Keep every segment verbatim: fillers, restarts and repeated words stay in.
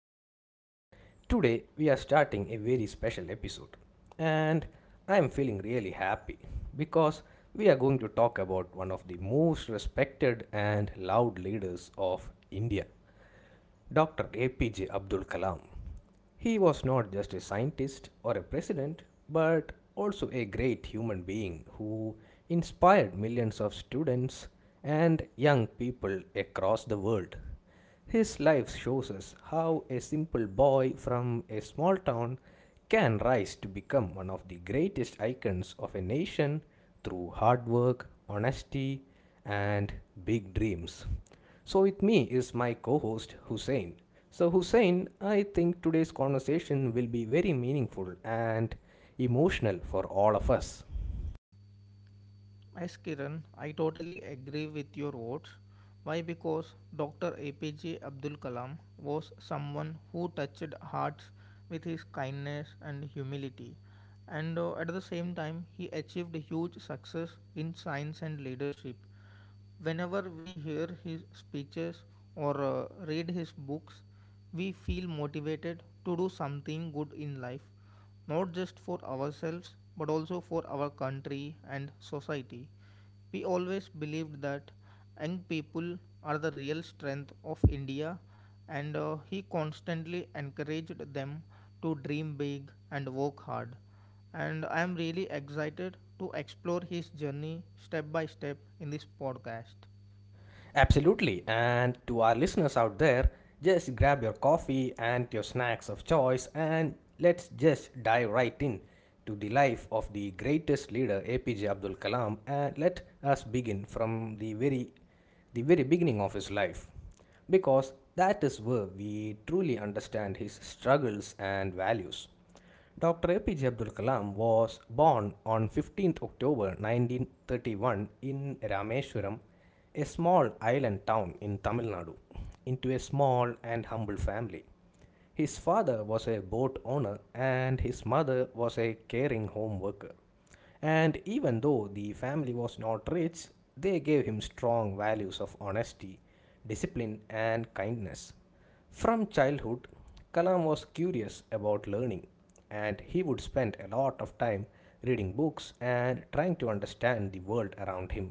podcast. Today we are starting a very special episode, and I am feeling really happy because we are going to talk about one of the most respected and loved leaders of India. Doctor A P J Abdul Kalam. He was not just a scientist or a president, but also a great human being who inspired millions of students and young people across the world. His life shows us how a simple boy from a small town can rise to become one of the greatest icons of a nation through hard work, honesty, and big dreams. So, with me is my co host Hussein. So, Hussein, I think today's conversation will be very meaningful and emotional for all of us. Yes, Kiran, I totally agree with your words. Why? Because Doctor A P J Abdul Kalam was someone who touched hearts with his kindness and humility, and uh, at the same time, he achieved huge success in science and leadership. Whenever we hear his speeches or uh, read his books, we feel motivated to do something good in life, not just for ourselves but also for our country and society. We always believed that young people are the real strength of India, and uh, he constantly encouraged them to dream big and work hard and I am really excited to explore his journey step by step in this podcast. Absolutely. And to our listeners out there, just grab your coffee and your snacks of choice and let's just dive right in to the life of the greatest leader A P J Abdul Kalam and let us begin from the very the very beginning of his life because that is where we truly understand his struggles and values. Doctor A P J Abdul Kalam was born on fifteenth October nineteen thirty-one in Rameswaram, a small island town in Tamil Nadu, into a small and humble family. His father was a boat owner and his mother was a caring home worker. And even though the family was not rich, they gave him strong values of honesty, discipline, and kindness. From childhood, Kalam was curious about learning, and he would spend a lot of time reading books and trying to understand the world around him.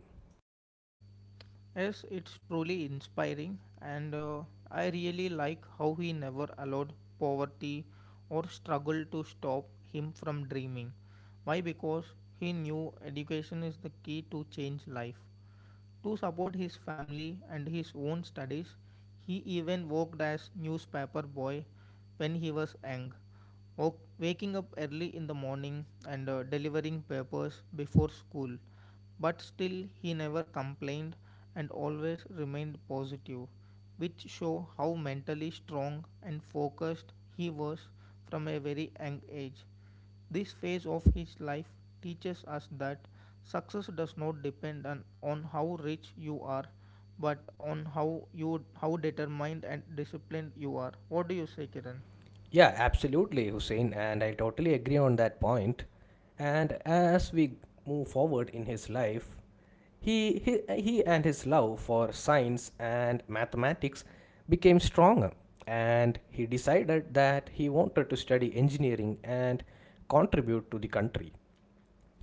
Yes, it's truly inspiring, and uh, I really like how he never allowed poverty or struggle to stop him from dreaming. Why? Because he knew education is the key to change life. To support his family and his own studies, he even worked as newspaper boy when he was young, wo- waking up early in the morning and uh, delivering papers before school. But still, he never complained and always remained positive, which show how mentally strong and focused he was from a very young age. This phase of his life teaches us that success does not depend on, on how rich you are, but on how you how determined and disciplined you are. What do you say, Kiran? Yeah, absolutely, Hussein, and I totally agree on that point. And as we move forward in his life, he, he, he and his love for science and mathematics became stronger, and he decided that he wanted to study engineering and contribute to the country.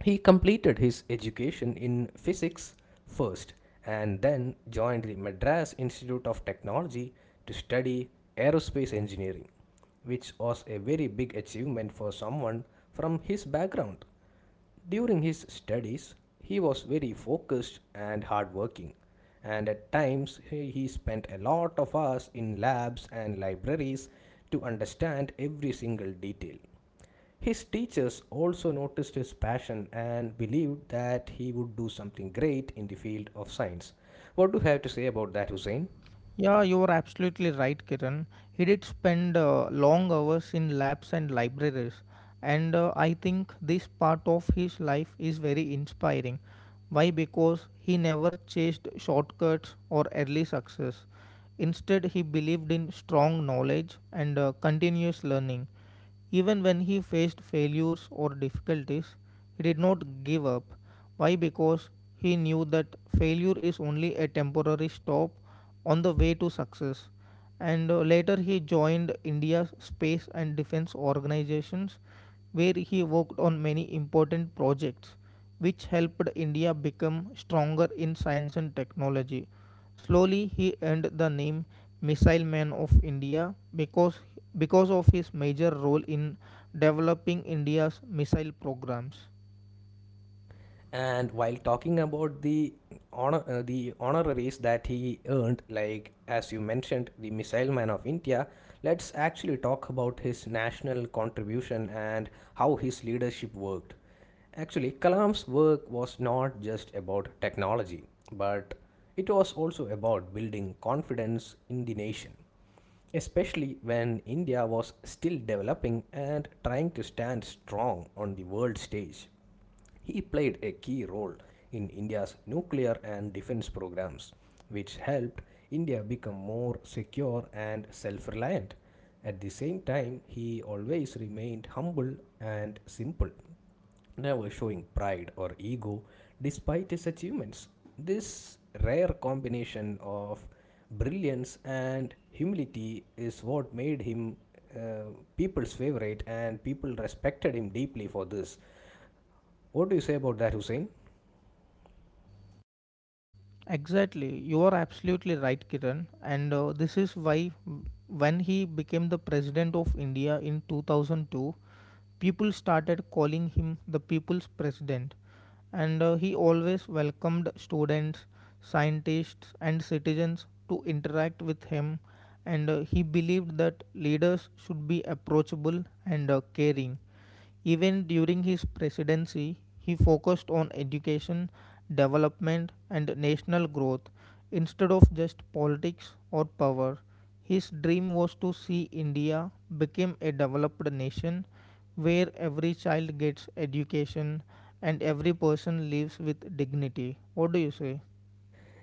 He completed his education in physics first and then joined the Madras Institute of Technology to study aerospace engineering which was a very big achievement for someone from his background. During his studies, he was very focused and hardworking, and at times he spent a lot of hours in labs and libraries to understand every single detail. His teachers also noticed his passion and believed that he would do something great in the field of science. What do you have to say about that, Hussein? Yeah, you're absolutely right, Kiran. He did spend uh, long hours in labs and libraries, and uh, I think this part of his life is very inspiring. Why? Because he never chased shortcuts or early success. Instead, he believed in strong knowledge and uh, continuous learning. Even when he faced failures or difficulties, he did not give up. Why? Because he knew that failure is only a temporary stop on the way to success. And uh, later he joined India's space and defense organizations, where he worked on many important projects which helped India become stronger in science and technology. Slowly, he earned the name Missile Man of India because, because of his major role in developing India's missile programs. And while talking about the honor, uh, the honoraries that he earned, like as you mentioned, the Missile Man of India, let's actually talk about his national contribution and how his leadership worked. Actually, Kalam's work was not just about technology, but it was also about building confidence in the nation, especially when India was still developing and trying to stand strong on the world stage. He played a key role in India's nuclear and defense programs, which helped India become more secure and self reliant. At the same time, he always remained humble and simple, never showing pride or ego despite his achievements. This rare combination of brilliance and humility is what made him uh, people's favorite, and people respected him deeply for this. What do you say about that, Hussein? Exactly, you are absolutely right, Kiran. And uh, this is why, w- when he became the president of India in two thousand two, people started calling him the people's president. And uh, he always welcomed students, scientists, and citizens to interact with him. And uh, he believed that leaders should be approachable and uh, caring. Even during his presidency, he focused on education, development, and national growth instead of just politics or power. His dream was to see India become a developed nation where every child gets education and every person lives with dignity. What do you say?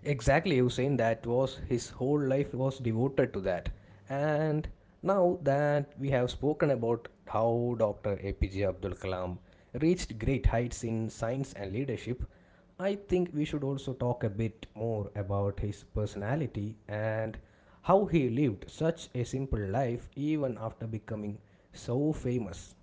Exactly, Hussein. That was his whole life was devoted to that. And now that we have spoken about how Doctor A P J Abdul Kalam reached great heights in science and leadership, I think we should also talk a bit more about his personality and how he lived such a simple life even after becoming so famous.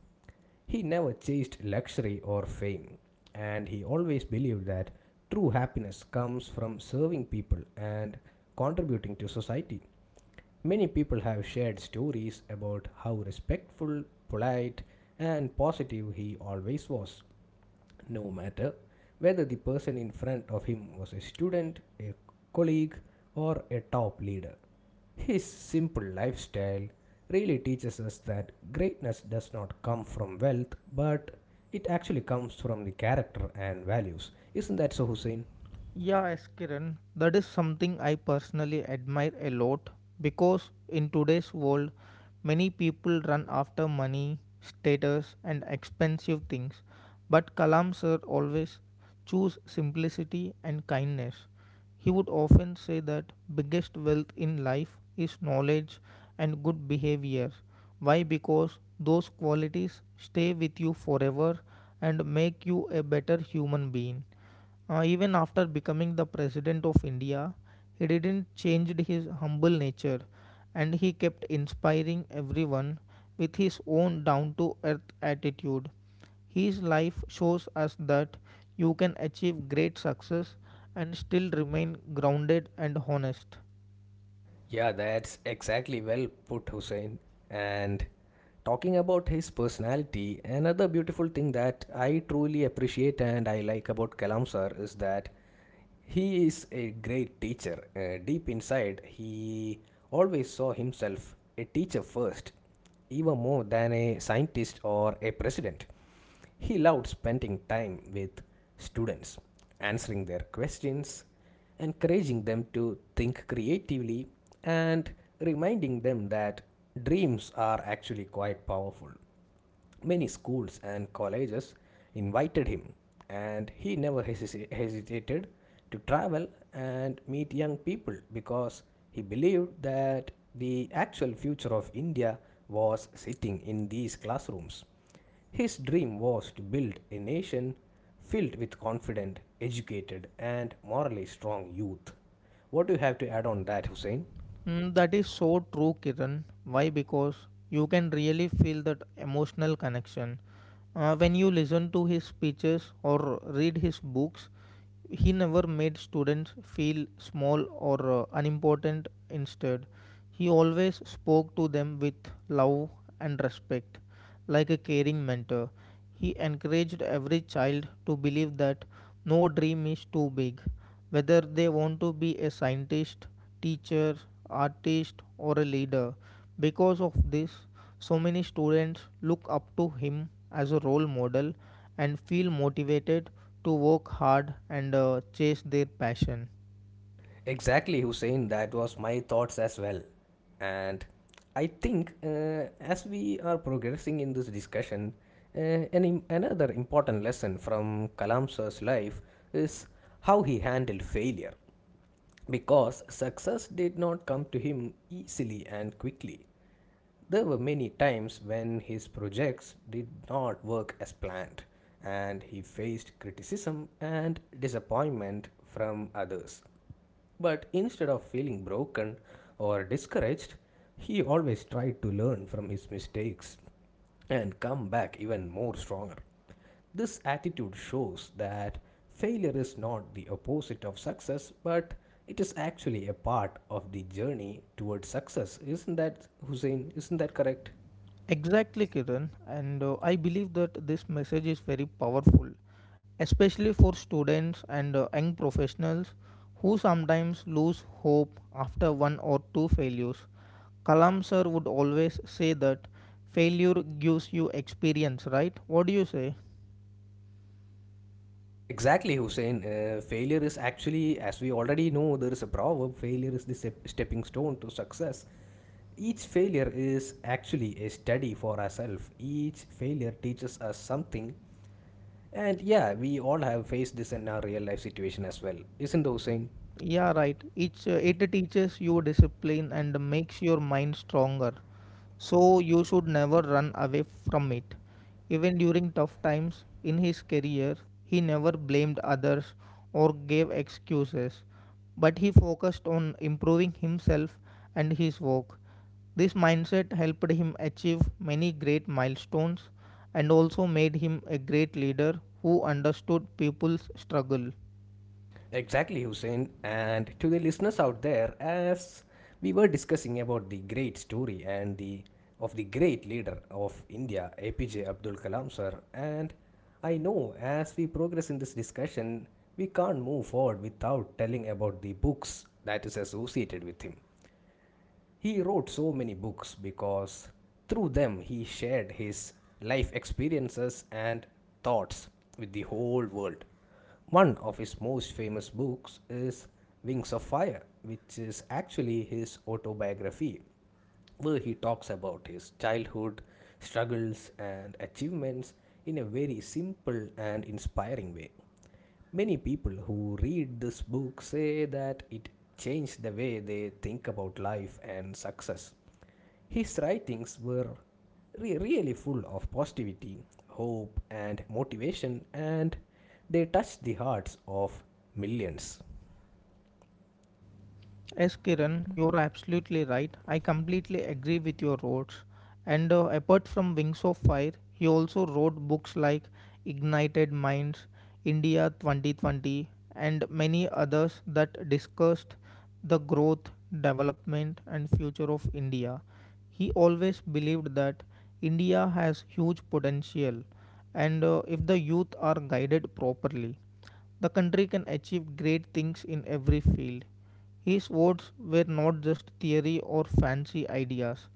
He never chased luxury or fame, and he always believed that true happiness comes from serving people and contributing to society. Many people have shared stories about how respectful, polite, and positive he always was no matter whether the person in front of him was a student, a colleague, or a top leader. His simple lifestyle really teaches us that greatness does not come from wealth, but it actually comes from the character and values. Isn't that so, Hussein? Yeah, yes, Kiran, that is something I personally admire a lot because in today's world, many people run after money, status, and expensive things. But Kalam sir always choose simplicity and kindness. He would often say that biggest wealth in life is knowledge and good behavior. Why? Because those qualities stay with you forever and make you a better human being. Uh, even after becoming the president of India, he didn't change his humble nature and he kept inspiring everyone with his own down to earth attitude. His life shows us that you can achieve great success and still remain grounded and honest. Yeah, that's exactly well put, Hussein. And talking about his personality, another beautiful thing that I truly appreciate and I like about Kalam sir is that he is a great teacher. Uh, deep inside, he always saw himself a teacher first, even more than a scientist or a president. He loved spending time with students, answering their questions, encouraging them to think creatively, and reminding them that dreams are actually quite powerful. Many schools and colleges invited him, and he never hesi- hesitated to travel and meet young people because he believed that the actual future of India was sitting in these classrooms. His dream was to build a nation filled with confident, educated, and morally strong youth. What do you have to add on that, Hussein? Mm, that is so true, Kiran. Why? Because you can really feel that emotional connection. Uh, when you listen to his speeches or read his books, he never made students feel small or uh, unimportant. Instead, he always spoke to them with love and respect like a caring mentor. He encouraged every child to believe that no dream is too big, whether they want to be a scientist, teacher, artist, or a leader. Because of this, so many students look up to him as a role model and feel motivated to work hard and uh, chase their passion. Exactly, Hussein. That was my thoughts as well. And I think uh, as we are progressing in this discussion, uh, an im- another important lesson from Kalam sir's life is how he handled failure. Because success did not come to him easily and quickly. There were many times when his projects did not work as planned, and he faced criticism and disappointment from others. But instead of feeling broken or discouraged, he always tried to learn from his mistakes and come back even more stronger. This attitude shows that failure is not the opposite of success, but it is actually a part of the journey towards success. Isn't that, Hussein? Isn't that correct? Exactly, Kiran. And uh, I believe that this message is very powerful, especially for students and uh, young professionals who sometimes lose hope after one or two failures. Kalam sir would always say that failure gives you experience, right? What do you say? Exactly, Hussein. Uh, failure is actually, as we already know, there is a proverb failure is the step- stepping stone to success. Each failure is actually a study for ourselves. Each failure teaches us something. And yeah, we all have faced this in our real life situation as well. Isn't it, Hussein? Yeah, right. It's, uh, it teaches you discipline and makes your mind stronger. So you should never run away from it. Even during tough times in his career, he never blamed others or gave excuses, but he focused on improving himself and his work. This mindset helped him achieve many great milestones and also made him a great leader who understood people's struggle. Exactly, Hussein. And to the listeners out there, as we were discussing about the great story and the of the great leader of India, A P J Abdul Kalam sir, and I know as we progress in this discussion, we can't move forward without telling about the books that is associated with him. He wrote so many books because through them he shared his life experiences and thoughts with the whole world. One of his most famous books is Wings of Fire, which is actually his autobiography, where he talks about his childhood, struggles, and achievements in a very simple and inspiring way. Many people who read this book say that it changed the way they think about life and success. His writings were re- really full of positivity, hope, and motivation, and they touched the hearts of millions. Yes, Kiran, you're absolutely right. I completely agree with your words. And uh, apart from Wings of Fire, he also wrote books like Ignited Minds, India twenty twenty, and many others that discussed the growth, development, and future of India. He always believed that India has huge potential, and uh, if the youth are guided properly, the country can achieve great things in every field. His words were not just theory or fancy ideas,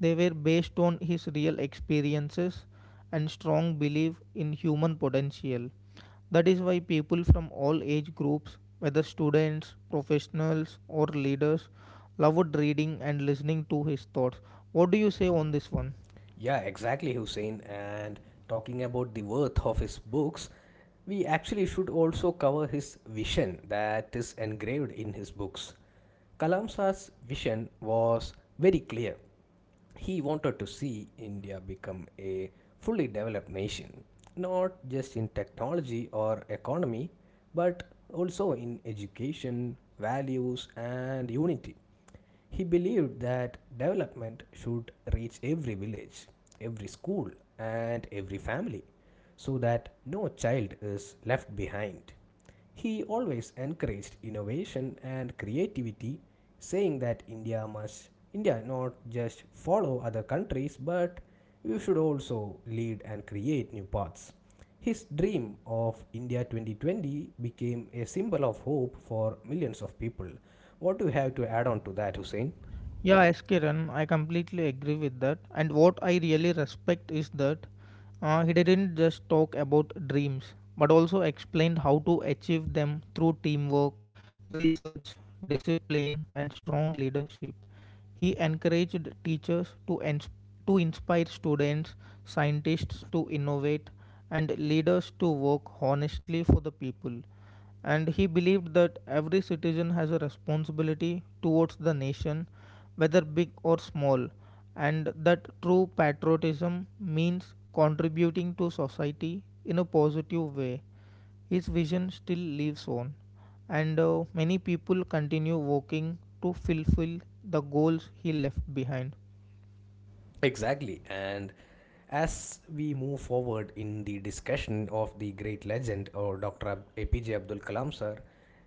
they were based on his real experiences and strong belief in human potential. That is why people from all age groups, whether students, professionals, or leaders, loved reading and listening to his thoughts. What do you say on this one? Yeah, exactly, Hussein. And talking about the worth of his books, we actually should also cover his vision that is engraved in his books. Kalamsa's vision was very clear. He wanted to see India become a fully developed nation, not just in technology or economy, but also in education, values, and unity. He believed that development should reach every village, every school, and every family so that no child is left behind. He always encouraged innovation and creativity, saying that India must India not just follow other countries but we should also lead and create new paths. His dream of India twenty twenty became a symbol of hope for millions of people. What do you have to add on to that, Hussein? Yeah, S. Kiran, I completely agree with that. And what I really respect is that uh, he didn't just talk about dreams, but also explained how to achieve them through teamwork, research, discipline, and strong leadership. He encouraged teachers to, ins- to inspire students, scientists to innovate, and leaders to work honestly for the people and he believed that every citizen has a responsibility towards the nation, whether big or small, and that true patriotism means contributing to society in a positive way. His vision still lives on, and uh, many people continue working to fulfill the goals he left behind. Exactly. And as we move forward in the discussion of the great legend or Doctor Ab- A P J Abdul Kalam sir,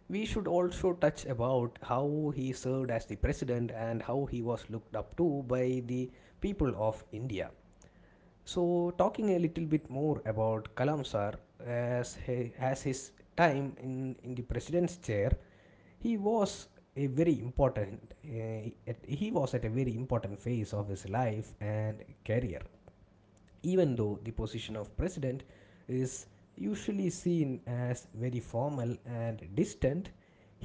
we should also touch about how he served as the president and how he was looked up to by the people of India. So, talking a little bit more about Kalam sir, as, he, as his time in, in the president's chair, he was a very important uh, he was at a very important phase of his life and career even though the position of president is usually seen as very formal and distant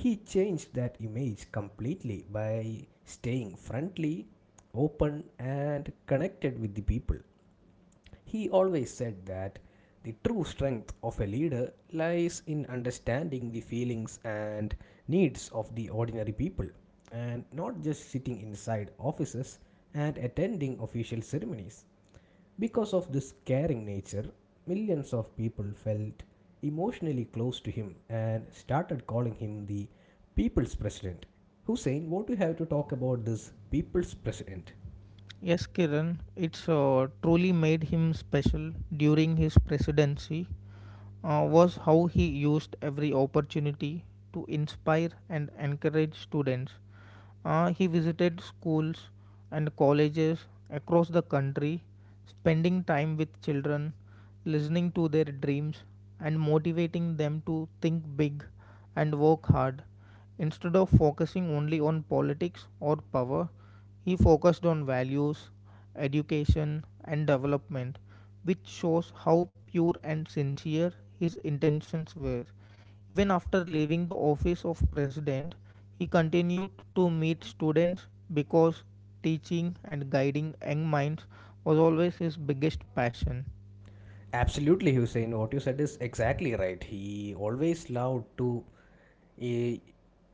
he changed that image completely by staying friendly open and connected with the people he always said that the true strength of a leader lies in understanding the feelings and needs of the ordinary people and not just sitting inside offices and attending official ceremonies. Because of this caring nature, millions of people felt emotionally close to him and started calling him the people's president. Hussein, what do you have to talk about this people's president? Yes, Kiran, it's uh, truly made him special during his presidency uh, was how he used every opportunity to inspire and encourage students. Uh, he visited schools and colleges across the country, spending time with children, listening to their dreams, and motivating them to think big and work hard. Instead of focusing only on politics or power, he focused on values, education, and development, which shows how pure and sincere his intentions were. Even after leaving the office of president, he continued to meet students because teaching and guiding young minds was always his biggest passion. Absolutely, Hussein. What you said is exactly right. He always loved to eh,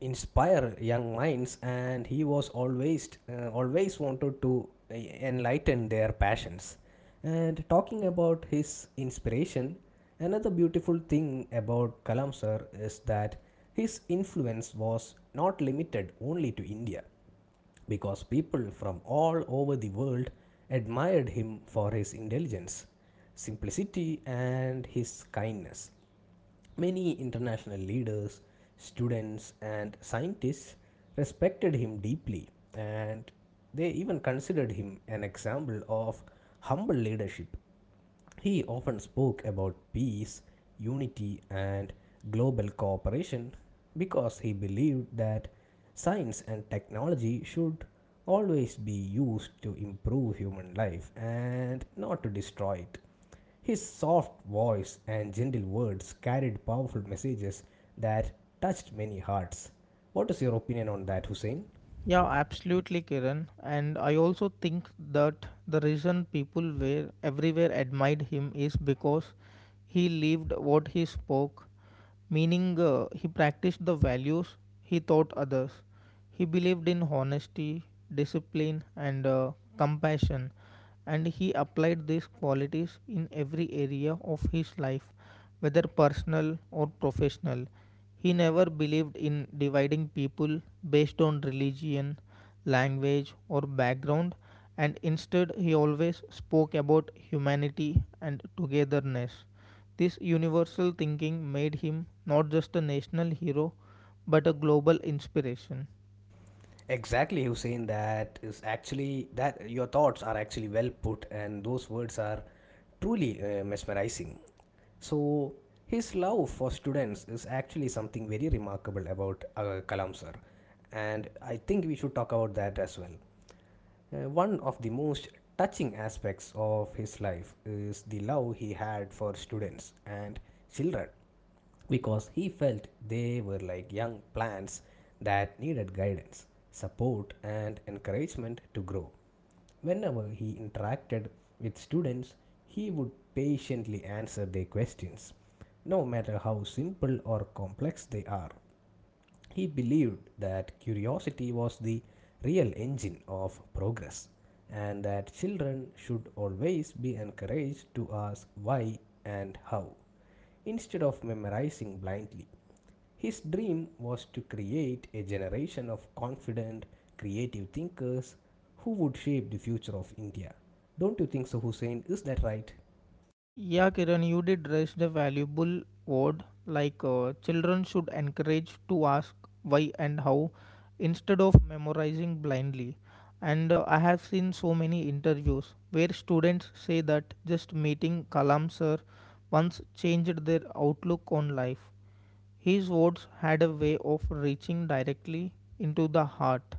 inspire young minds, and he was always uh, always wanted to eh, enlighten their passions. And talking about his inspiration, another beautiful thing about Kalam sir is that his influence was not limited only to India because people from all over the world admired him for his intelligence, simplicity, and his kindness. Many international leaders, students, and scientists respected him deeply, and they even considered him an example of humble leadership he often spoke about peace, unity, and global cooperation because he believed that science and technology should always be used to improve human life and not to destroy it. His soft voice and gentle words carried powerful messages that touched many hearts. What is your opinion on that, Hussein? Yeah, absolutely, Kiran. And I also think that the reason people were everywhere admired him is because he lived what he spoke, meaning uh, he practiced the values he taught others. He believed in honesty, discipline, and uh, compassion, and he applied these qualities in every area of his life whether personal or professional. He never believed in dividing people based on religion, language, or background, and instead, he always spoke about humanity and togetherness. This universal thinking made him not just a national hero but a global inspiration. Exactly, Hussein. That is actually that your thoughts are actually well put, and those words are truly uh, mesmerizing. So his love for students is actually something very remarkable about uh, Kalam sir, and I think we should talk about that as well. Uh, one of the most touching aspects of his life is the love he had for students and children because he felt they were like young plants that needed guidance, support, and encouragement to grow. Whenever he interacted with students, he would patiently answer their questions, no matter how simple or complex they are. He believed that curiosity was the real engine of progress and that children should always be encouraged to ask why and how instead of memorizing blindly. His dream was to create a generation of confident, creative thinkers who would shape the future of India. Don't you think so, Hussein? Is that right? Yeah, Kiran, you did raise the valuable word like uh, children should encourage to ask why and how instead of memorizing blindly. And uh, I have seen so many interviews where students say that just meeting Kalam sir once changed their outlook on life. His words had a way of reaching directly into the heart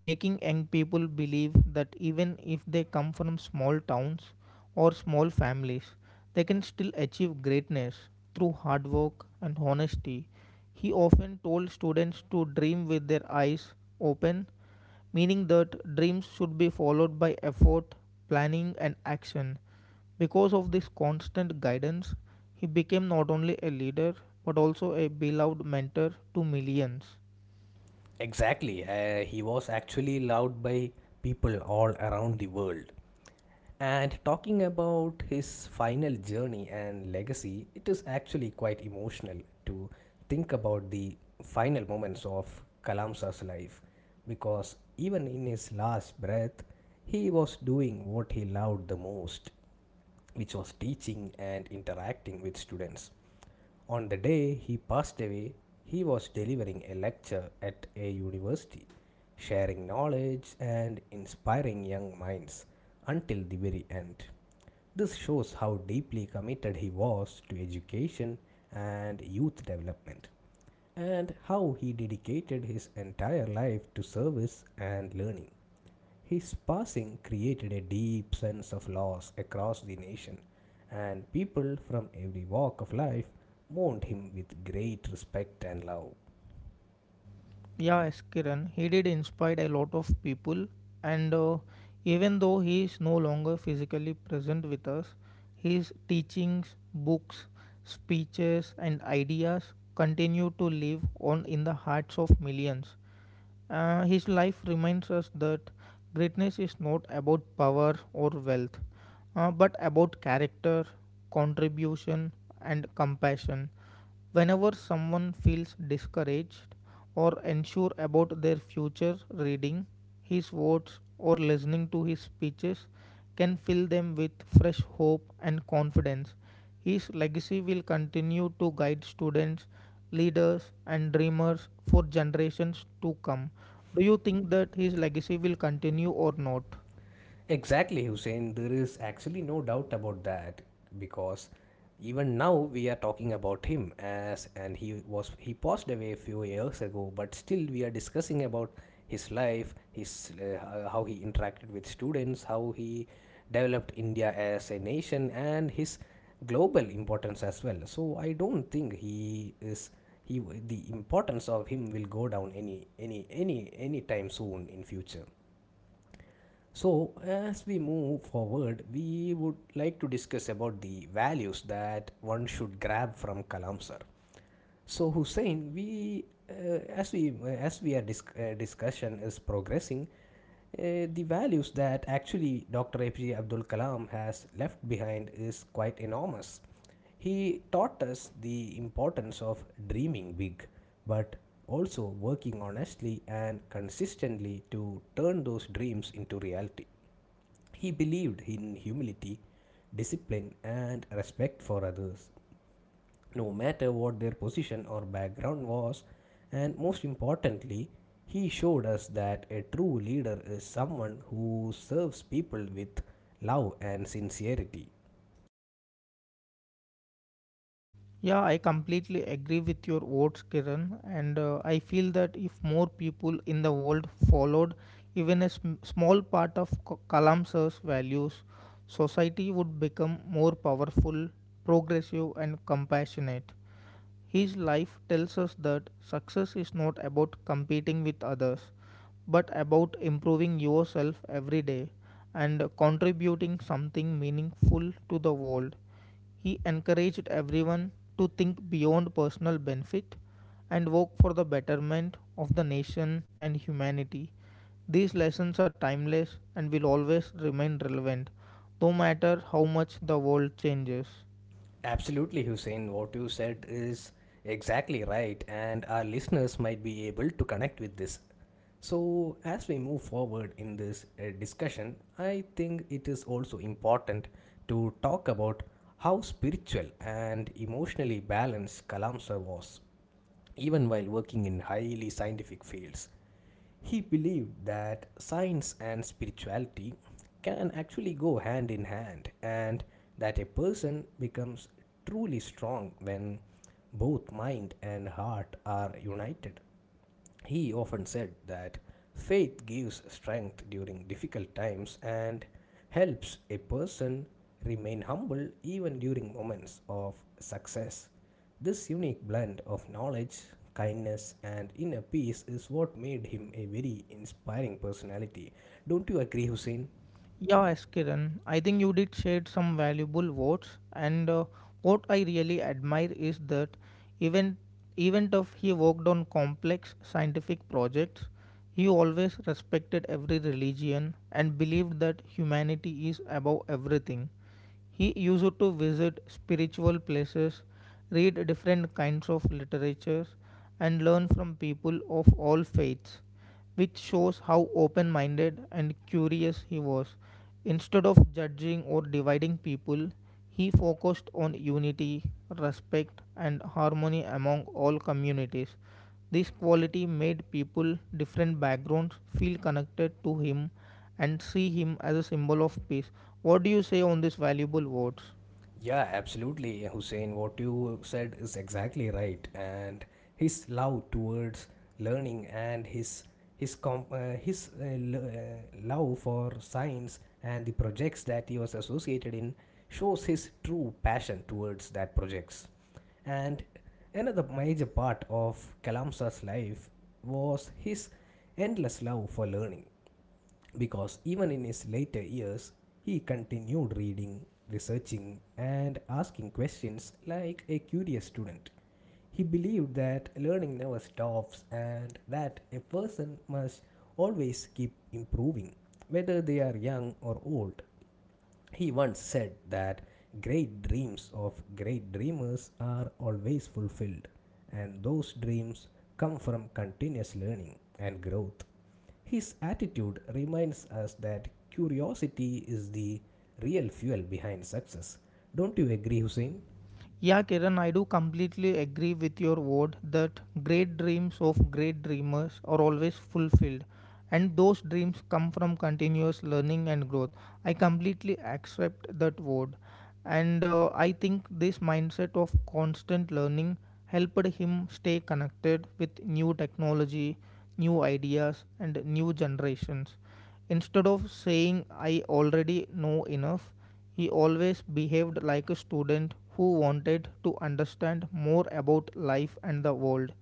making young people believe that even if they come from small towns or small families, they can still achieve greatness through hard work and honesty. He often told students to dream with their eyes open, meaning that dreams should be followed by effort, planning, and action. Because of this constant guidance, he became not only a leader but also a beloved mentor to millions. Exactly. Uh, he was actually loved by people all around the world. And talking about his final journey and legacy, it is actually quite emotional to think about the final moments of Kalamsa's life because even in his last breath, he was doing what he loved the most, which was teaching and interacting with students. On the day he passed away, he was delivering a lecture at a university, sharing knowledge and inspiring young minds until the very end. This shows how deeply committed he was to education and youth development, and how he dedicated his entire life to service and learning. His passing created a deep sense of loss across the nation, and people from every walk of life mourned him with great respect and love. Yeah, S. Kiran, he did inspire a lot of people, and uh, even though he is no longer physically present with us, his teachings, books, speeches, and ideas continue to live on in the hearts of millions. Uh, his life reminds us that greatness is not about power or wealth, uh, but about character, contribution, and compassion. Whenever someone feels discouraged or unsure about their future reading, his words or listening to his speeches can fill them with fresh hope and confidence. His legacy will continue to guide students, leaders, and dreamers for generations to come. Do you think that his legacy will continue or not? Exactly, Hussein. There is actually no doubt about that because even now we are talking about him as and he was he passed away a few years ago, but still we are discussing about his life, his uh, how he interacted with students, how he developed India as a nation, and his global importance as well. So I don't think he is he the importance of him will go down any any any any time soon in future. So, as we move forward, we would like to discuss about the values that one should grab from Kalam sir. So, Hussein, we uh, as we uh, as we are disc- uh, discussion is progressing, uh, the values that actually Doctor A P J Abdul Kalam has left behind is quite enormous. He taught us the importance of dreaming big, but also working honestly and consistently to turn those dreams into reality. He believed in humility, discipline, and respect for others, no matter what their position or background was, and most importantly, he showed us that a true leader is someone who serves people with love and sincerity. Yeah, I completely agree with your words, Kiran, and uh, I feel that if more people in the world followed even a sm- small part of K- Kalam Sir's values, society would become more powerful, progressive, and compassionate. His life tells us that success is not about competing with others, but about improving yourself every day and contributing something meaningful to the world. He encouraged everyone to think beyond personal benefit and work for the betterment of the nation and humanity. These lessons are timeless and will always remain relevant, no matter how much the world changes. Absolutely, Hussein. What you said is exactly right, and our listeners might be able to connect with this. So, as we move forward in this uh, discussion, I think it is also important to talk about how spiritual and emotionally balanced Kalamsar was, even while working in highly scientific fields. He believed that science and spirituality can actually go hand in hand and that a person becomes truly strong when both mind and heart are united. He often said that faith gives strength during difficult times and helps a person remain humble even during moments of success. This unique blend of knowledge, kindness, and inner peace is what made him a very inspiring personality. Don't you agree, Hussein? Yeah, Kiran, I think you did share some valuable words, and uh, what I really admire is that even even if he worked on complex scientific projects, he always respected every religion and believed that humanity is above everything. He used to visit spiritual places, read different kinds of literatures, and learn from people of all faiths, which shows how open minded and curious he was. Instead of judging or dividing people, he focused on unity, respect, and harmony among all communities. This quality made people from different backgrounds feel connected to him and see him as a symbol of peace. What do you say on these valuable words? Yeah, absolutely, Hussein. What you said is exactly right. And his love towards learning and his his comp- uh, his uh, l- uh, love for science and the projects that he was associated in shows his true passion towards that projects. And another major part of Kalamsa's life was his endless love for learning because even in his later years, he continued reading, researching, and asking questions like a curious student. He believed that learning never stops and that a person must always keep improving, whether they are young or old. He once said that great dreams of great dreamers are always fulfilled, and those dreams come from continuous learning and growth. His attitude reminds us that curiosity is the real fuel behind success. Don't you agree, Hussein? Yeah, Kiran, I do completely agree with your word that great dreams of great dreamers are always fulfilled, and those dreams come from continuous learning and growth. I completely accept that word, and uh, I think this mindset of constant learning helped him stay connected with new technology, new ideas and new generations. Instead of saying I already know enough, he always behaved like a student who wanted to understand more about life and the world.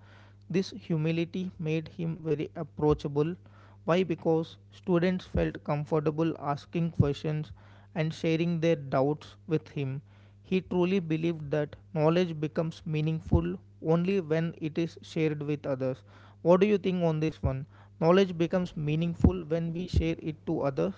This humility made him very approachable. Why? Because students felt comfortable asking questions and sharing their doubts with him. He truly believed that knowledge becomes meaningful only when it is shared with others. What do you think on this one? Knowledge becomes meaningful when we share it to others?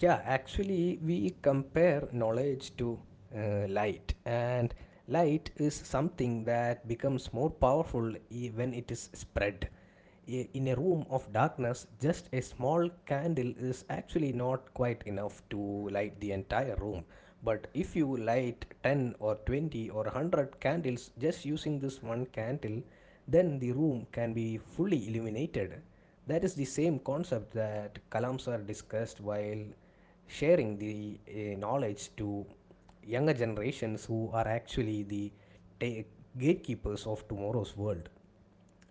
Yeah, actually, we compare knowledge to uh, light, and light is something that becomes more powerful i- when it is spread. I- In a room of darkness, just a small candle is actually not quite enough to light the entire room. But if you light ten or twenty or one hundred candles just using this one candle, then the room can be fully illuminated that is the same concept that kalams are discussed while sharing the uh, knowledge to younger generations who are actually the ta- gatekeepers of tomorrow's world.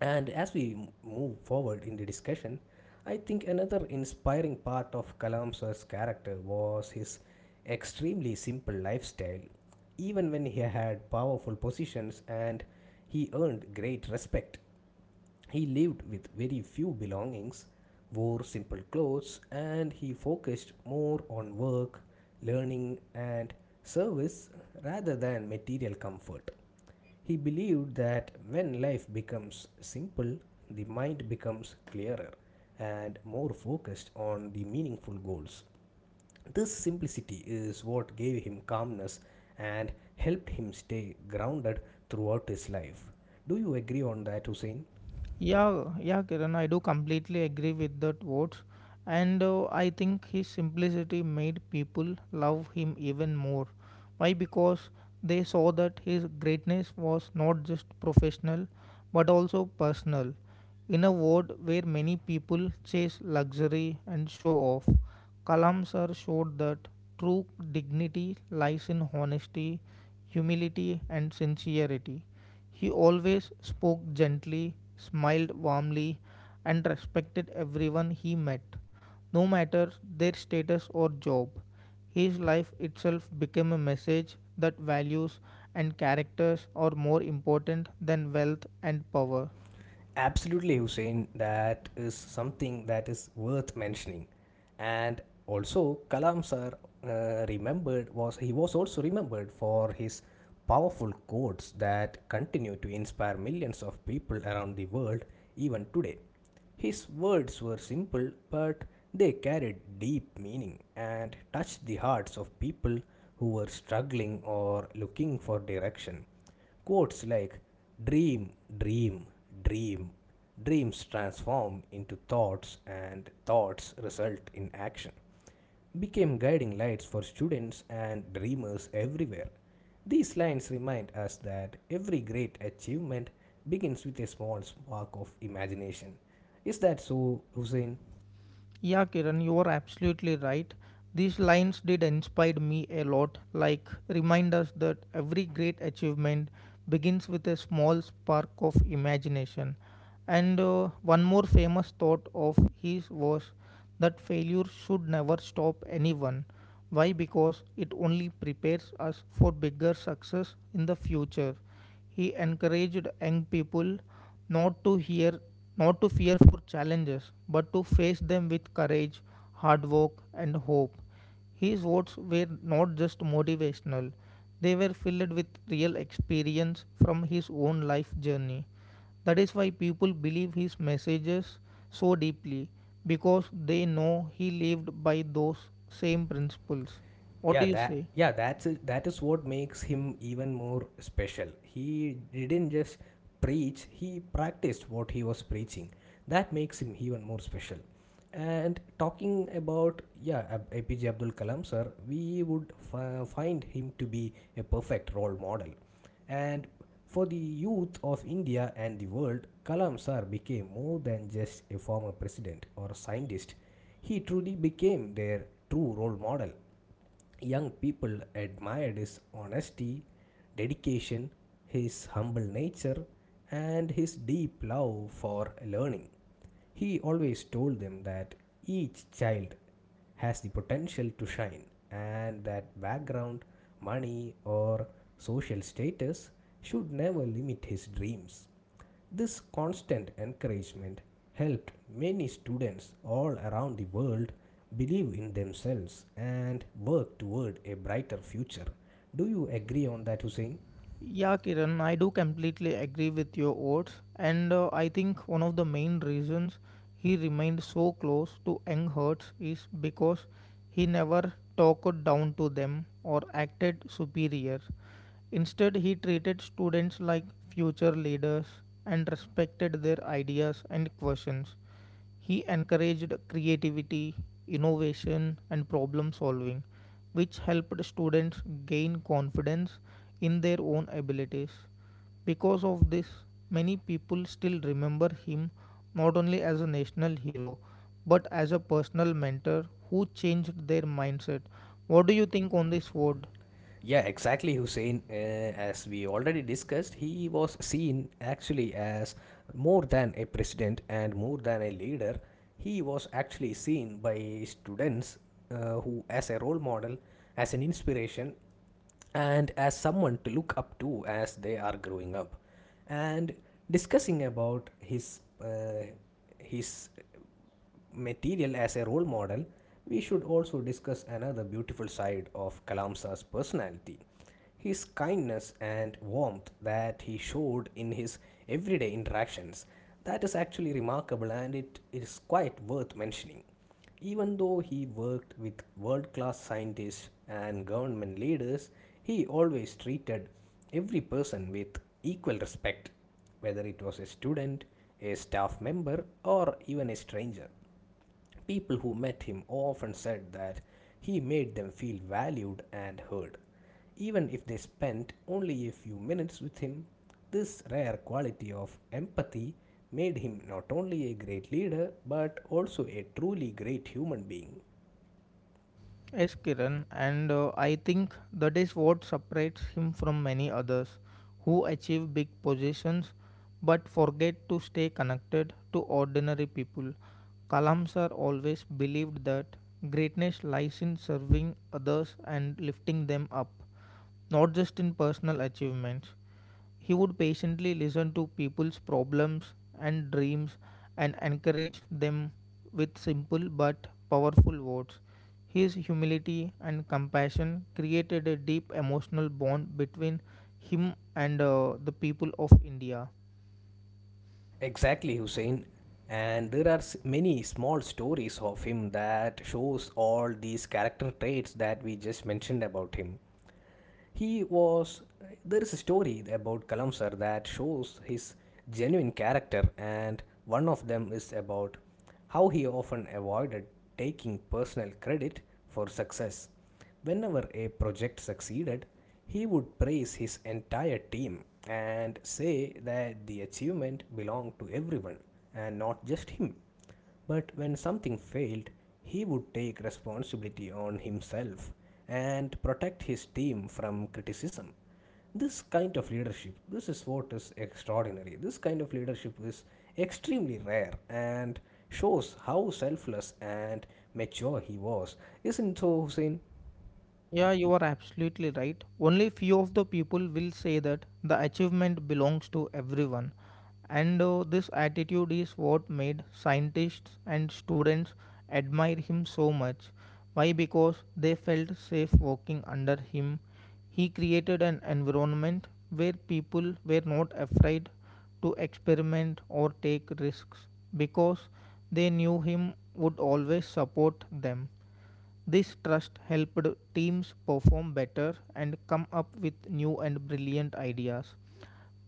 And as we m- move forward in the discussion, I think another inspiring part of Kalamsa's character was his extremely simple lifestyle. Even when he had powerful positions and he earned great respect, he lived with very few belongings, wore simple clothes, and he focused more on work, learning, and service rather than material comfort. He believed that when life becomes simple, the mind becomes clearer and more focused on the meaningful goals. This simplicity is what gave him calmness and helped him stay grounded throughout his life. Do you agree on that, Hussein? Yeah, yeah, Kiran, I do completely agree with that words, and uh, I think his simplicity made people love him even more. Why? Because they saw that his greatness was not just professional, but also personal. In a world where many people chase luxury and show off, Kalam sir showed that true dignity lies in honesty, humility, and sincerity. He always spoke gently, smiled warmly, and respected everyone he met, no matter their status or job. His life itself became a message that values and characters are more important than wealth and power. Absolutely, Hussein. That is something that is worth mentioning. And also, Kalam sir uh, remembered was he was also remembered for his powerful quotes that continue to inspire millions of people around the world even today. His words were simple, but they carried deep meaning and touched the hearts of people who were struggling or looking for direction. Quotes like dream, dream, dream, dreams transform into thoughts, and thoughts result in action became guiding lights for students and dreamers everywhere. These lines remind us that every great achievement begins with a small spark of imagination. Is that so, Hussein? Yeah, Kiran, you are absolutely right. These lines did inspire me a lot, like remind us that every great achievement begins with a small spark of imagination. And uh, one more famous thought of his was that failure should never stop anyone. Why? Because it only prepares us for bigger success in the future. He encouraged young people not to hear not to fear for challenges, but to face them with courage, hard work, and hope. His words were not just motivational, they were filled with real experience from his own life journey. That is why people believe his messages so deeply because they know he lived by those same principles. What do yeah you that say? yeah that's it. That is what makes him even more special. He didn't just preach, he practiced what he was preaching. That makes him even more special. And talking about yeah Ab- apj abdul kalam sir, we would f- find him to be a perfect role model and for the youth of India and the world, Kalam sir became more than just a former president or a scientist. He truly became their true role model. Young people admired his honesty, dedication, his humble nature, and his deep love for learning. He always told them that each child has the potential to shine and that background, money, or social status should never limit his dreams. This constant encouragement helped many students all around the world believe in themselves and work toward a brighter future. Do you agree on that, Hussein? Yeah, Kiran, I do completely agree with your words, and uh, I think one of the main reasons he remained so close to young hearts is because he never talked down to them or acted superior. Instead, he treated students like future leaders and respected their ideas and questions. He encouraged creativity, innovation, and problem solving, which helped students gain confidence in their own abilities. Because of this, many people still remember him not only as a national hero but as a personal mentor who changed their mindset. What do you think on this word? Yeah, exactly, Hussein. Uh, as we already discussed, he was seen actually as more than a president and more than a leader. He was actually seen by students uh, who, as a role model, as an inspiration, and as someone to look up to as they are growing up. And discussing about his uh, his material as a role model, we should also discuss another beautiful side of Kalamsa's personality, his kindness and warmth that he showed in his everyday interactions. That is actually remarkable and it is quite worth mentioning. Even though he worked with world class scientists and government leaders, he always treated every person with equal respect, whether it was a student, a staff member, or even a stranger. People who met him often said that he made them feel valued and heard. Even if they spent only a few minutes with him, this rare quality of empathy made him not only a great leader but also a truly great human being. Yes, Kiran, and uh, I think that is what separates him from many others who achieve big positions but forget to stay connected to ordinary people. Kalam sir always believed that greatness lies in serving others and lifting them up, not just in personal achievements. He would patiently listen to people's problems and dreams and encourage them with simple but powerful words. His humility and compassion created a deep emotional bond between him and uh, the people of India. Exactly, Hussein. And there are many small stories of him that shows all these character traits that we just mentioned about him. He was. There is a story about Kalamsar that shows his genuine character, and one of them is about how he often avoided taking personal credit for success. Whenever a project succeeded, he would praise his entire team and say that the achievement belonged to everyone and not just him. But when something failed, he would take responsibility on himself and protect his team from criticism. This kind of leadership, this is what is extraordinary. This kind of leadership is extremely rare and shows how selfless and mature he was. Isn't it so, Hussein? Yeah, you are absolutely right. Only few of the people will say that the achievement belongs to everyone. And uh, this attitude is what made scientists and students admire him so much. Why? Because they felt safe working under him. He created an environment where people were not afraid to experiment or take risks because they knew him would always support them. This trust helped teams perform better and come up with new and brilliant ideas.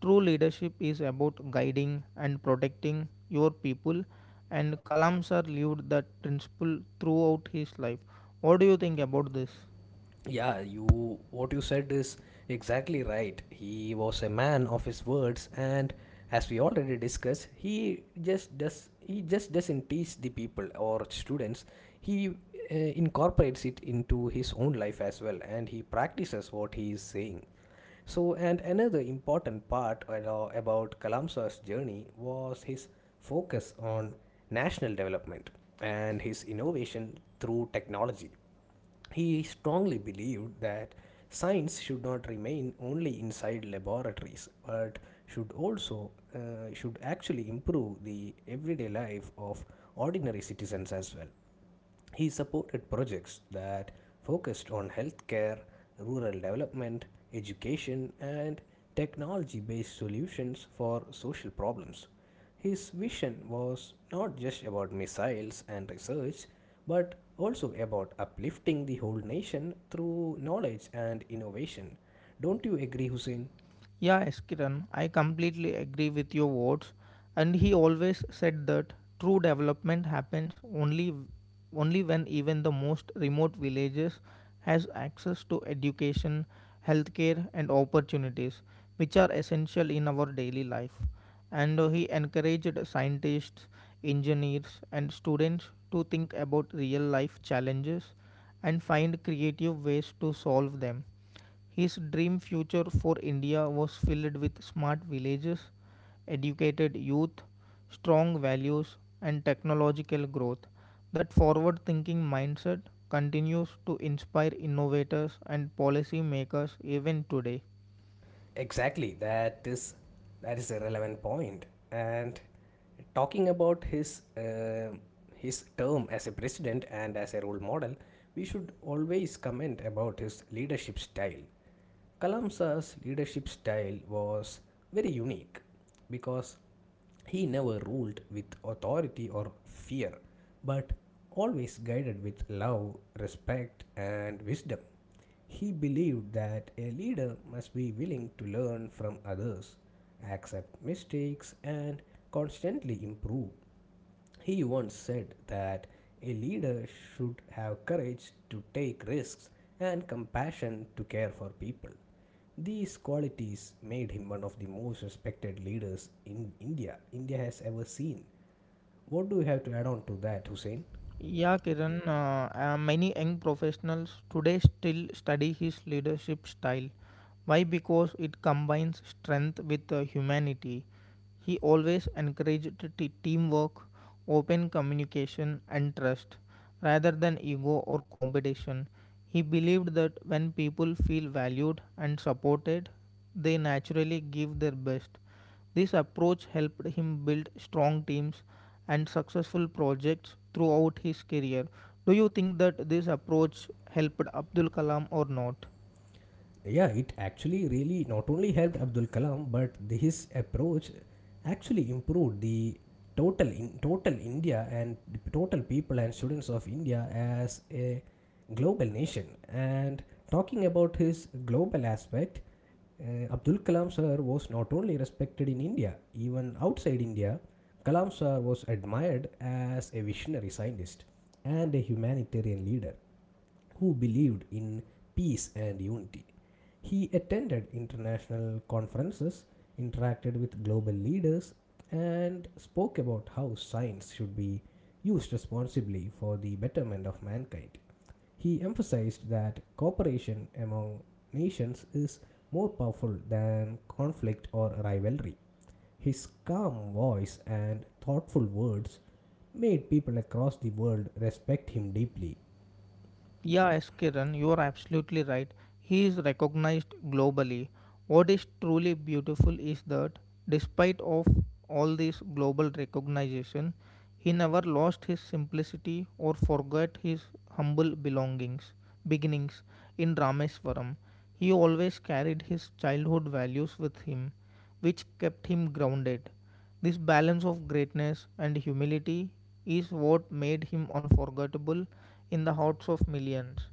True leadership is about guiding and protecting your people, and Kalam sir lived that principle throughout his life. What do you think about this? Yeah, you what you said is exactly right. He was a man of his words and as we already discussed, he just does he just doesn't teach the people or students. He uh, incorporates it into his own life as well and he practices what he is saying. So, and another important part at all about Kalamsa's journey was his focus on national development and his innovation through technology. He strongly believed that science should not remain only inside laboratories but should also uh, should actually improve the everyday life of ordinary citizens as well. He supported projects that focused on healthcare, rural development, education, and technology based solutions for social problems. His vision was not just about missiles and research, but also about uplifting the whole nation through knowledge and innovation. Don't you agree, Hussein? "Yeah, yes, Kiran, I completely agree with your words. And he always said that true development happens only only when even the most remote villages has access to education, healthcare and opportunities which are essential in our daily life. And uh, he encouraged scientists, engineers and students to think about real life challenges and find creative ways to solve them. His dream future for India was filled with smart villages, educated youth, strong values, and technological growth. That forward thinking mindset continues to inspire innovators and policy makers even today. Exactly, that is that is a relevant point. And talking about his uh, his term as a president and as a role model, we should always comment about his leadership style. Kalamsa's leadership style was very unique because he never ruled with authority or fear, but always guided with love, respect, and wisdom. He believed that a leader must be willing to learn from others, accept mistakes, and constantly improve. He once said that a leader should have courage to take risks and compassion to care for people. These qualities made him one of the most respected leaders in India India has ever seen. What do you have to add on to that, Hussein? Yeah, Kiran, uh, uh, many young professionals today still study his leadership style. Why? Because it combines strength with uh, humanity. He always encouraged t- teamwork, open communication, and trust rather than ego or competition. He believed that when people feel valued and supported, they naturally give their best. This approach helped him build strong teams and successful projects throughout his career. Do you think that this approach helped Abdul Kalam or not? Yeah, it actually really not only helped Abdul Kalam, but the, his approach actually improved the total in total India and the total people and students of India as a global nation. And talking about his global aspect, uh, Abdul Kalam sir was not only respected in India, even outside India. Kalam sir was admired as a visionary scientist and a humanitarian leader who believed in peace and unity. He attended international conferences, interacted with global leaders, and spoke about how science should be used responsibly for the betterment of mankind. He emphasized that cooperation among nations is more powerful than conflict or rivalry. His calm voice and thoughtful words made people across the world respect him deeply. Yeah, S. Kiran, you are absolutely right. He is recognized globally. What is truly beautiful is that, despite of all this global recognition, he never lost his simplicity or forgot his humble belongings, beginnings in Rameswaram. He always carried his childhood values with him, which kept him grounded. This balance of greatness and humility is what made him unforgettable in the hearts of millions.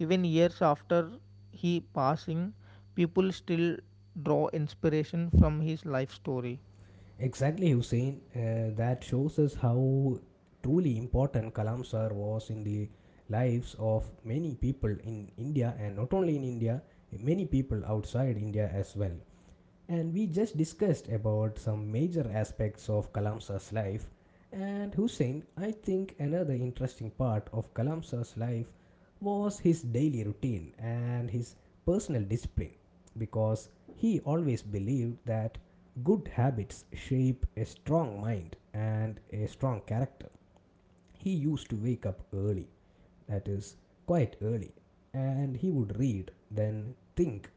Even years after his passing, people still draw inspiration from his life story. Exactly, Hussein. Uh, that shows us how truly important Kalam Sir was in the lives of many people in India, and not only in India, many people outside India as well. And we just discussed about some major aspects of Kalamsa's life. And Hussein, I think another interesting part of Kalamsa's life was his daily routine and his personal discipline, because he always believed that good habits shape a strong mind and a strong character. He used to wake up early, that is, quite early, and he would read, then think,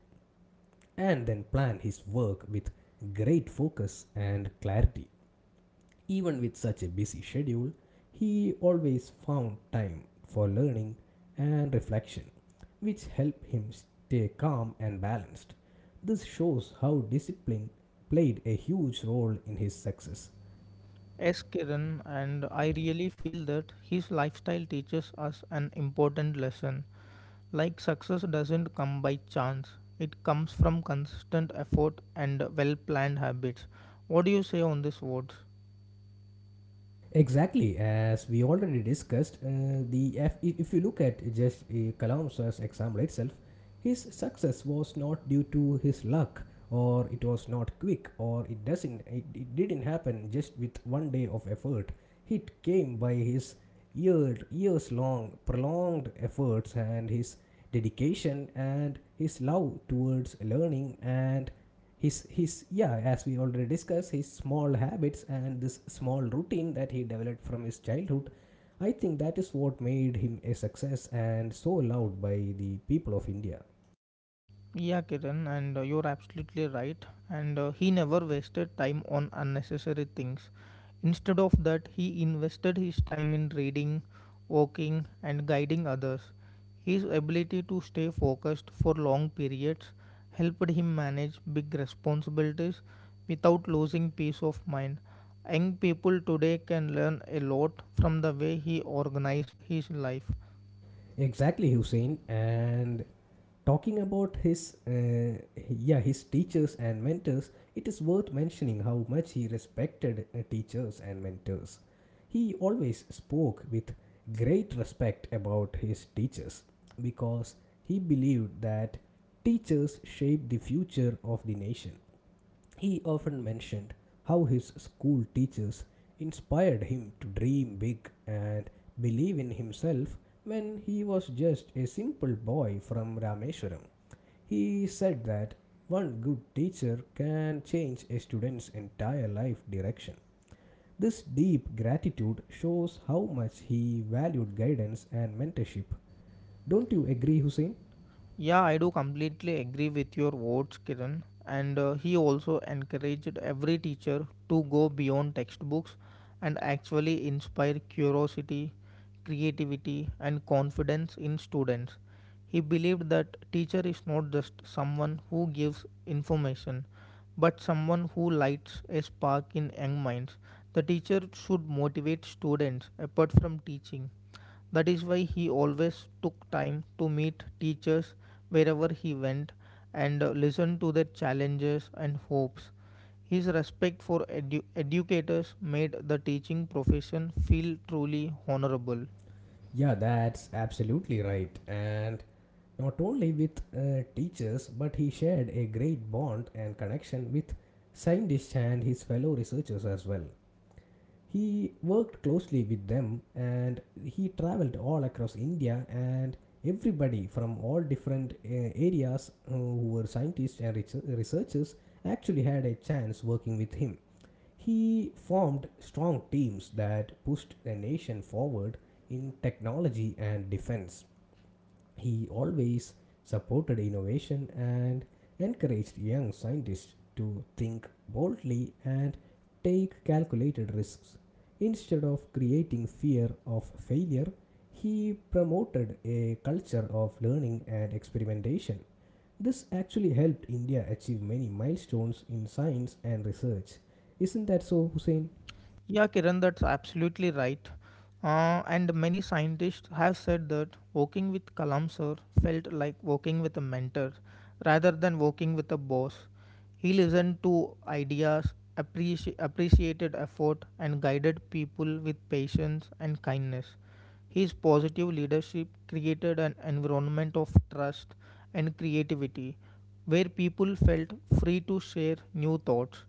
and then plan his work with great focus and clarity. Even with such a busy schedule, he always found time for learning and reflection, which helped him stay calm and balanced. This shows how discipline played a huge role in his success. S Kiran, and I really feel that his lifestyle teaches us an important lesson. Like success doesn't come by chance, it comes from consistent effort and well planned habits. What do you say on these words? Exactly, as we already discussed, uh, the F- i- if you look at just uh, Kalamsa's example itself, his success was not due to his luck, or it was not quick, or it doesn't it, it didn't happen just with one day of effort. It came by his year, years long prolonged efforts and his dedication and his love towards learning and his his yeah, as we already discussed, his small habits and this small routine that he developed from his childhood. I think that is what made him a success and so loved by the people of India. Yeah, Kiran, and uh, you're absolutely right. And uh, he never wasted time on unnecessary things. Instead of that, he invested his time in reading, working, and guiding others. His ability to stay focused for long periods helped him manage big responsibilities without losing peace of mind. Young people today can learn a lot from the way he organized his life. Exactly, Hussein. And talking about his uh, yeah, his teachers and mentors, it is worth mentioning how much he respected uh, teachers and mentors. He always spoke with great respect about his teachers because he believed that teachers shape the future of the nation. He often mentioned how his school teachers inspired him to dream big and believe in himself when he was just a simple boy from Rameshwaram. He said that one good teacher can change a student's entire life direction. This deep gratitude shows how much he valued guidance and mentorship. Don't you agree, Hussein? Yeah, I do completely agree with your words, Kiran. And uh, he also encouraged every teacher to go beyond textbooks and actually inspire curiosity, creativity, and confidence in students. He believed that teacher is not just someone who gives information, but someone who lights a spark in young minds. The teacher should motivate students apart from teaching. That is why he always took time to meet teachers wherever he went and uh, listen to their challenges and hopes. His respect for edu- educators made the teaching profession feel truly honorable. Yeah, that's absolutely right. And not only with uh, teachers, but he shared a great bond and connection with scientists and his fellow researchers as well. He worked closely with them and he traveled all across India, and everybody from all different uh, areas, uh, who were scientists and researchers, actually had a chance working with him. He formed strong teams that pushed the nation forward in technology and defense. He always supported innovation and encouraged young scientists to think boldly and take calculated risks. Instead of creating fear of failure, he promoted a culture of learning and experimentation. This actually helped India achieve many milestones in science and research. Isn't that so, Hussein? Yeah, Kiran, that's absolutely right. Uh, and many scientists have said that working with Kalam sir felt like working with a mentor rather than working with a boss. He listened to ideas, appreci- appreciated effort, and guided people with patience and kindness. His positive leadership created an environment of trust and creativity where people felt free to share new thoughts.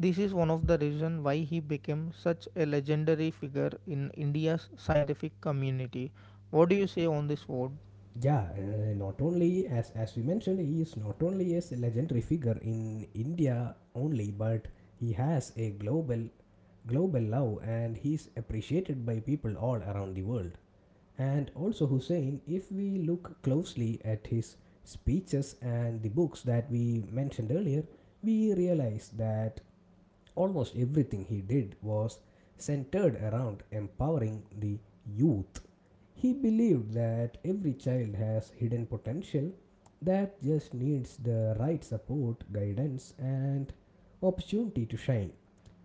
This is one of the reasons why he became such a legendary figure in India's scientific community. What do you say on this vote? Yeah, uh, not only as as we mentioned, he is not only as a legendary figure in India only, but he has a global global love and he's appreciated by people all around the world. And also Hussein, if we look closely at his speeches and the books that we mentioned earlier, we realize that almost everything he did was centered around empowering the youth. He believed that every child has hidden potential that just needs the right support, guidance, and opportunity to shine.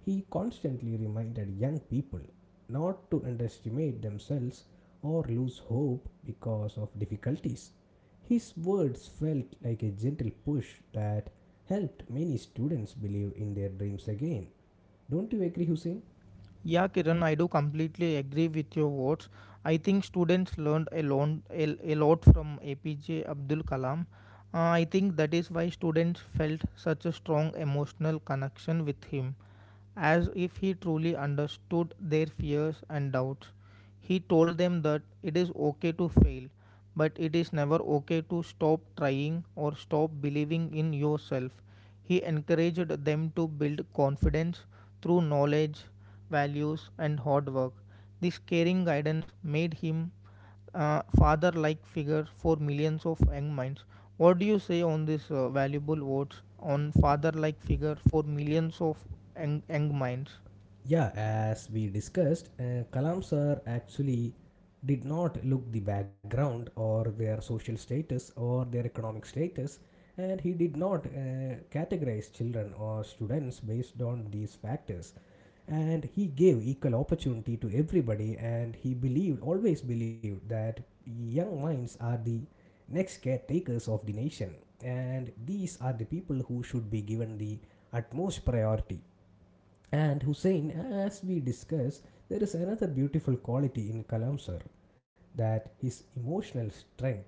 He constantly reminded young people not to underestimate themselves or lose hope because of difficulties. His words felt like a gentle push that helped many students believe in their dreams again. Don't you agree, Hussein? Yeah, Kiran, I do completely agree with your words. I think students learned a lot, a, a lot from A P J Abdul Kalam. Uh, I think that is why students felt such a strong emotional connection with him, as if he truly understood their fears and doubts. He told them that it is okay to fail, but it is never okay to stop trying or stop believing in yourself. He encouraged them to build confidence through knowledge, values, and hard work. This caring guidance made him uh, father like figure for millions of young minds. What do you say on this uh, valuable words on father like figure for millions of young, young minds? Yeah, as we discussed, uh, Kalam sir actually did not look the background or their social status or their economic status, and he did not uh, categorize children or students based on these factors, and he gave equal opportunity to everybody, and he believed, always believed, that young minds are the next caretakers of the nation, and these are the people who should be given the utmost priority. And Hussein, as we discuss, there is another beautiful quality in Kalam sir, that his emotional strength,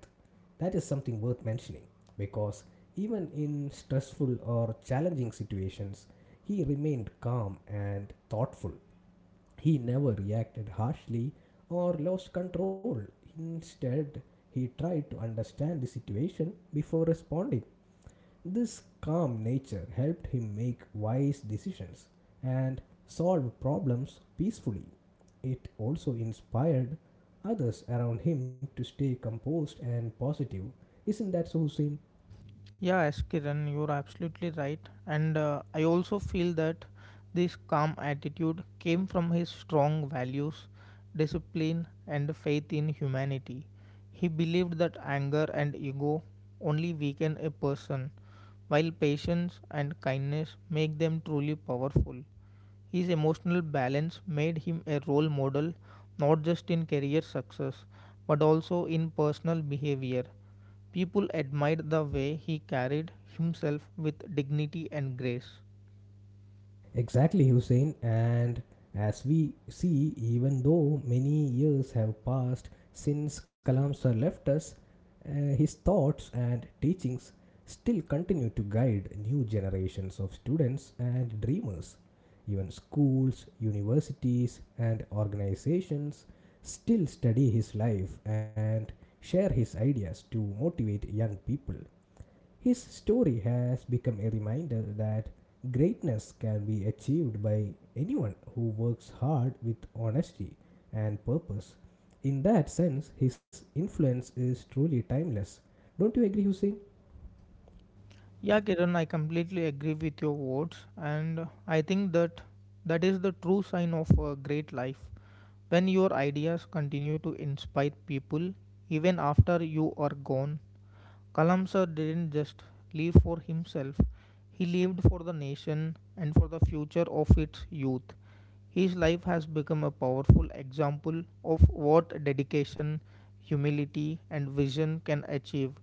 that is something worth mentioning, because even in stressful or challenging situations he remained calm and thoughtful. He never reacted harshly or lost control. Instead, he tried to understand the situation before responding. This calm nature helped him make wise decisions and solve problems peacefully. It also inspired others around him to stay composed and positive. Isn't that so, Hussein? Yeah, S. Kiran, you're absolutely right. And uh, I also feel that this calm attitude came from his strong values, discipline, and faith in humanity. He believed that anger and ego only weaken a person, while patience and kindness make them truly powerful. His emotional balance made him a role model not just in career success but also in personal behavior. People admired the way he carried himself with dignity and grace. Exactly, Hussein. And as we see, even though many years have passed since Kalam sir left us, uh, his thoughts and teachings still continue to guide new generations of students and dreamers. Even schools, universities, and organizations still study his life and share his ideas to motivate young people. His story has become a reminder that greatness can be achieved by anyone who works hard with honesty and purpose. In that sense, his influence is truly timeless. Don't you agree, Hussein? Yeah, Kiran, I completely agree with your words, and I think that that is the true sign of a great life when your ideas continue to inspire people even after you are gone. Kalamsar didn't just live for himself, he lived for the nation and for the future of its youth. His life has become a powerful example of what dedication, humility, and vision can achieve.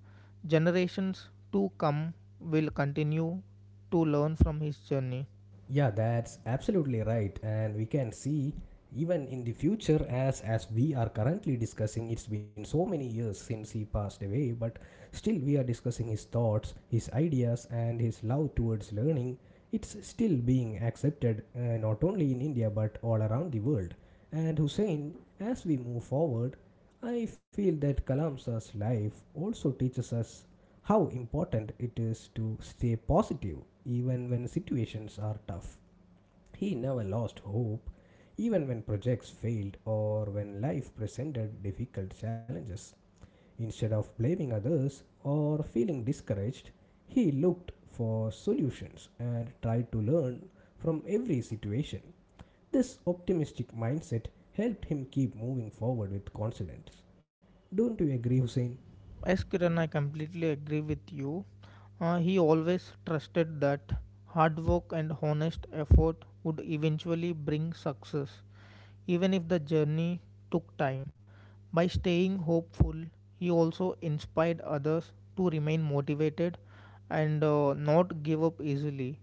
Generations to come will continue to learn from his journey. Yeah, that's absolutely right. And we can see, even in the future, as as we are currently discussing, it's been so many years since he passed away, but still we are discussing his thoughts, his ideas, and his love towards learning. It's still being accepted, uh, not only in India but all around the world. And Hussein, as we move forward, I feel that Kalamsa's life also teaches us how important it is to stay positive even when situations are tough. He never lost hope, even when projects failed or when life presented difficult challenges. Instead of blaming others or feeling discouraged, he looked for solutions and tried to learn from every situation. This optimistic mindset helped him keep moving forward with confidence. Don't you agree, Hussein? Yes, Kiran, I completely agree with you. Uh, he always trusted that hard work and honest effort would eventually bring success, even if the journey took time. By staying hopeful, he also inspired others to remain motivated and uh, not give up easily.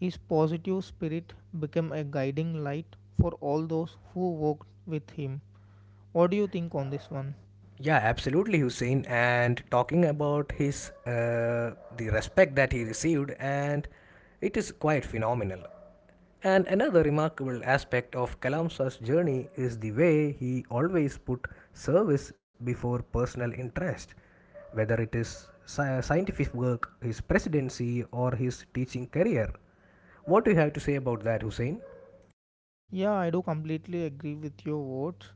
His positive spirit became a guiding light for all those who worked with him. What do you think on this one? Yeah, absolutely, Hussein. And talking about his uh, the respect that he received, and it is quite phenomenal. And another remarkable aspect of Kalamsa's journey is the way he always put service before personal interest, whether it is sci- scientific work, his presidency, or his teaching career. What do you have to say about that, Hussein? Yeah, I do completely agree with your words.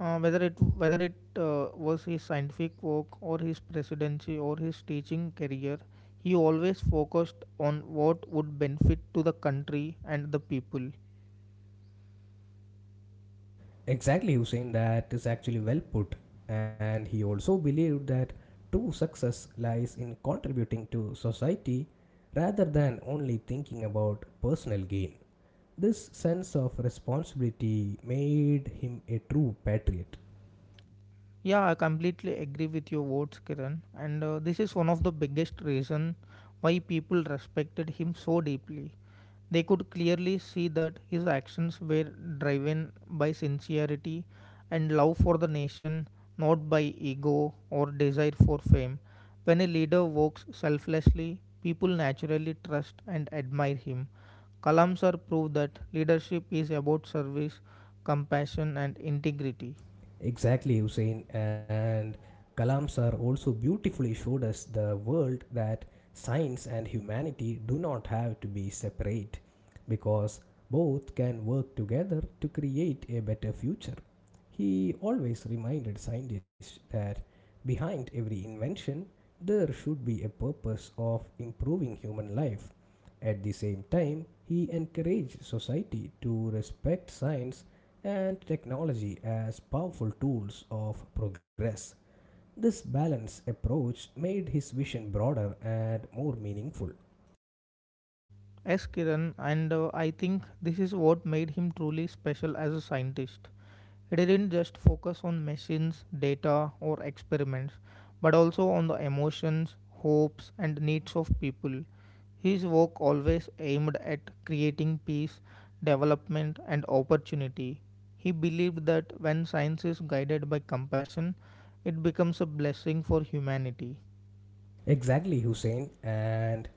Uh, whether it whether it uh, was his scientific work or his presidency or his teaching career, he always focused on what would benefit to the country and the people. Exactly, Hussein, that is actually well put. And he also believed that true success lies in contributing to society rather than only thinking about personal gain. This sense of responsibility made him a true patriot. Yeah, I completely agree with your words, Kiran. And uh, this is one of the biggest reason why people respected him so deeply. They could clearly see that his actions were driven by sincerity and love for the nation, not by ego or desire for fame. When a leader works selflessly, people naturally trust and admire him. Kalam sir proved that leadership is about service, compassion, and integrity. Exactly, Hussein. And Kalam sir also beautifully showed us the world that science and humanity do not have to be separate, because both can work together to create a better future. He always reminded scientists that behind every invention, there should be a purpose of improving human life. At the same time, he encouraged society to respect science and technology as powerful tools of progress. This balanced approach made his vision broader and more meaningful. Yes, Kiran, and uh, I think this is what made him truly special as a scientist. It didn't just focus on machines, data, or experiments, but also on the emotions, hopes, and needs of people. His work always aimed at creating peace, development, and opportunity. He believed that when science is guided by compassion, it becomes a blessing for humanity. Exactly, Hussein, and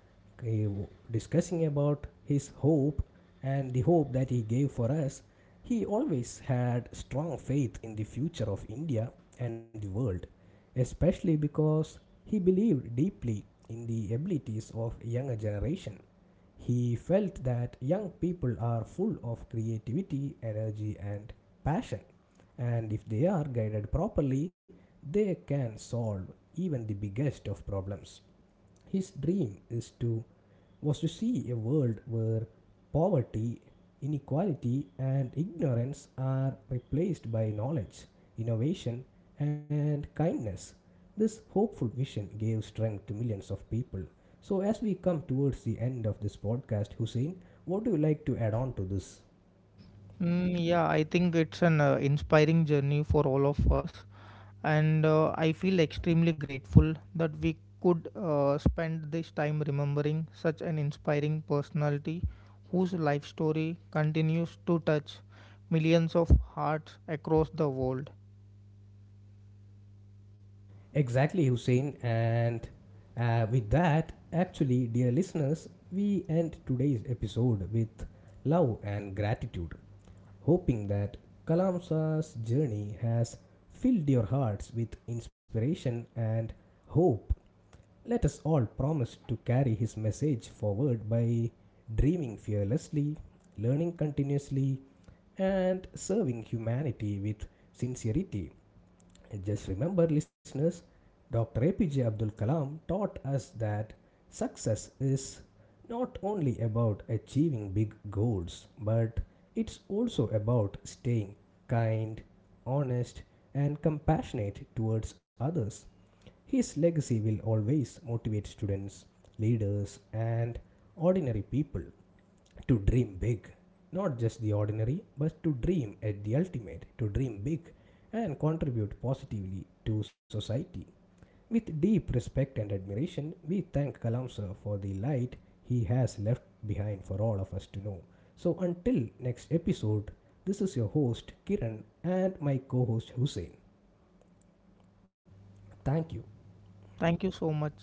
he, discussing about his hope and the hope that he gave for us. He always had strong faith in the future of India and the world, especially because he believed deeply in the abilities of younger generation. He felt that young people are full of creativity, energy, and passion, and if they are guided properly, they can solve even the biggest of problems. His dream is to was to see a world where poverty, inequality, and ignorance are replaced by knowledge, innovation, and kindness. This hopeful vision gave strength to millions of people. So, as we come towards the end of this podcast, Hussein, what do you like to add on to this? Mm, yeah, I think it's an uh, inspiring journey for all of us, and uh, I feel extremely grateful that we could uh, spend this time remembering such an inspiring personality whose life story continues to touch millions of hearts across the world. Exactly, Hussein. And uh, with that, actually, dear listeners, we end today's episode with love and gratitude, hoping that Kalamsa's journey has filled your hearts with inspiration and hope. Let us all promise to carry his message forward by dreaming fearlessly, learning continuously, and serving humanity with sincerity. And just remember, listeners, doctor A P J Abdul Kalam taught us that success is not only about achieving big goals, but it's also about staying kind, honest, and compassionate towards others. His legacy will always motivate students, leaders, and ordinary people to dream big, not just the ordinary, but to dream at the ultimate, to dream big, and contribute positively to society. With deep respect and admiration, we thank Kalam sir for the light he has left behind for all of us to know. So, until next episode, this is your host Kiran and my co-host Hussein. Thank you. Thank you so much.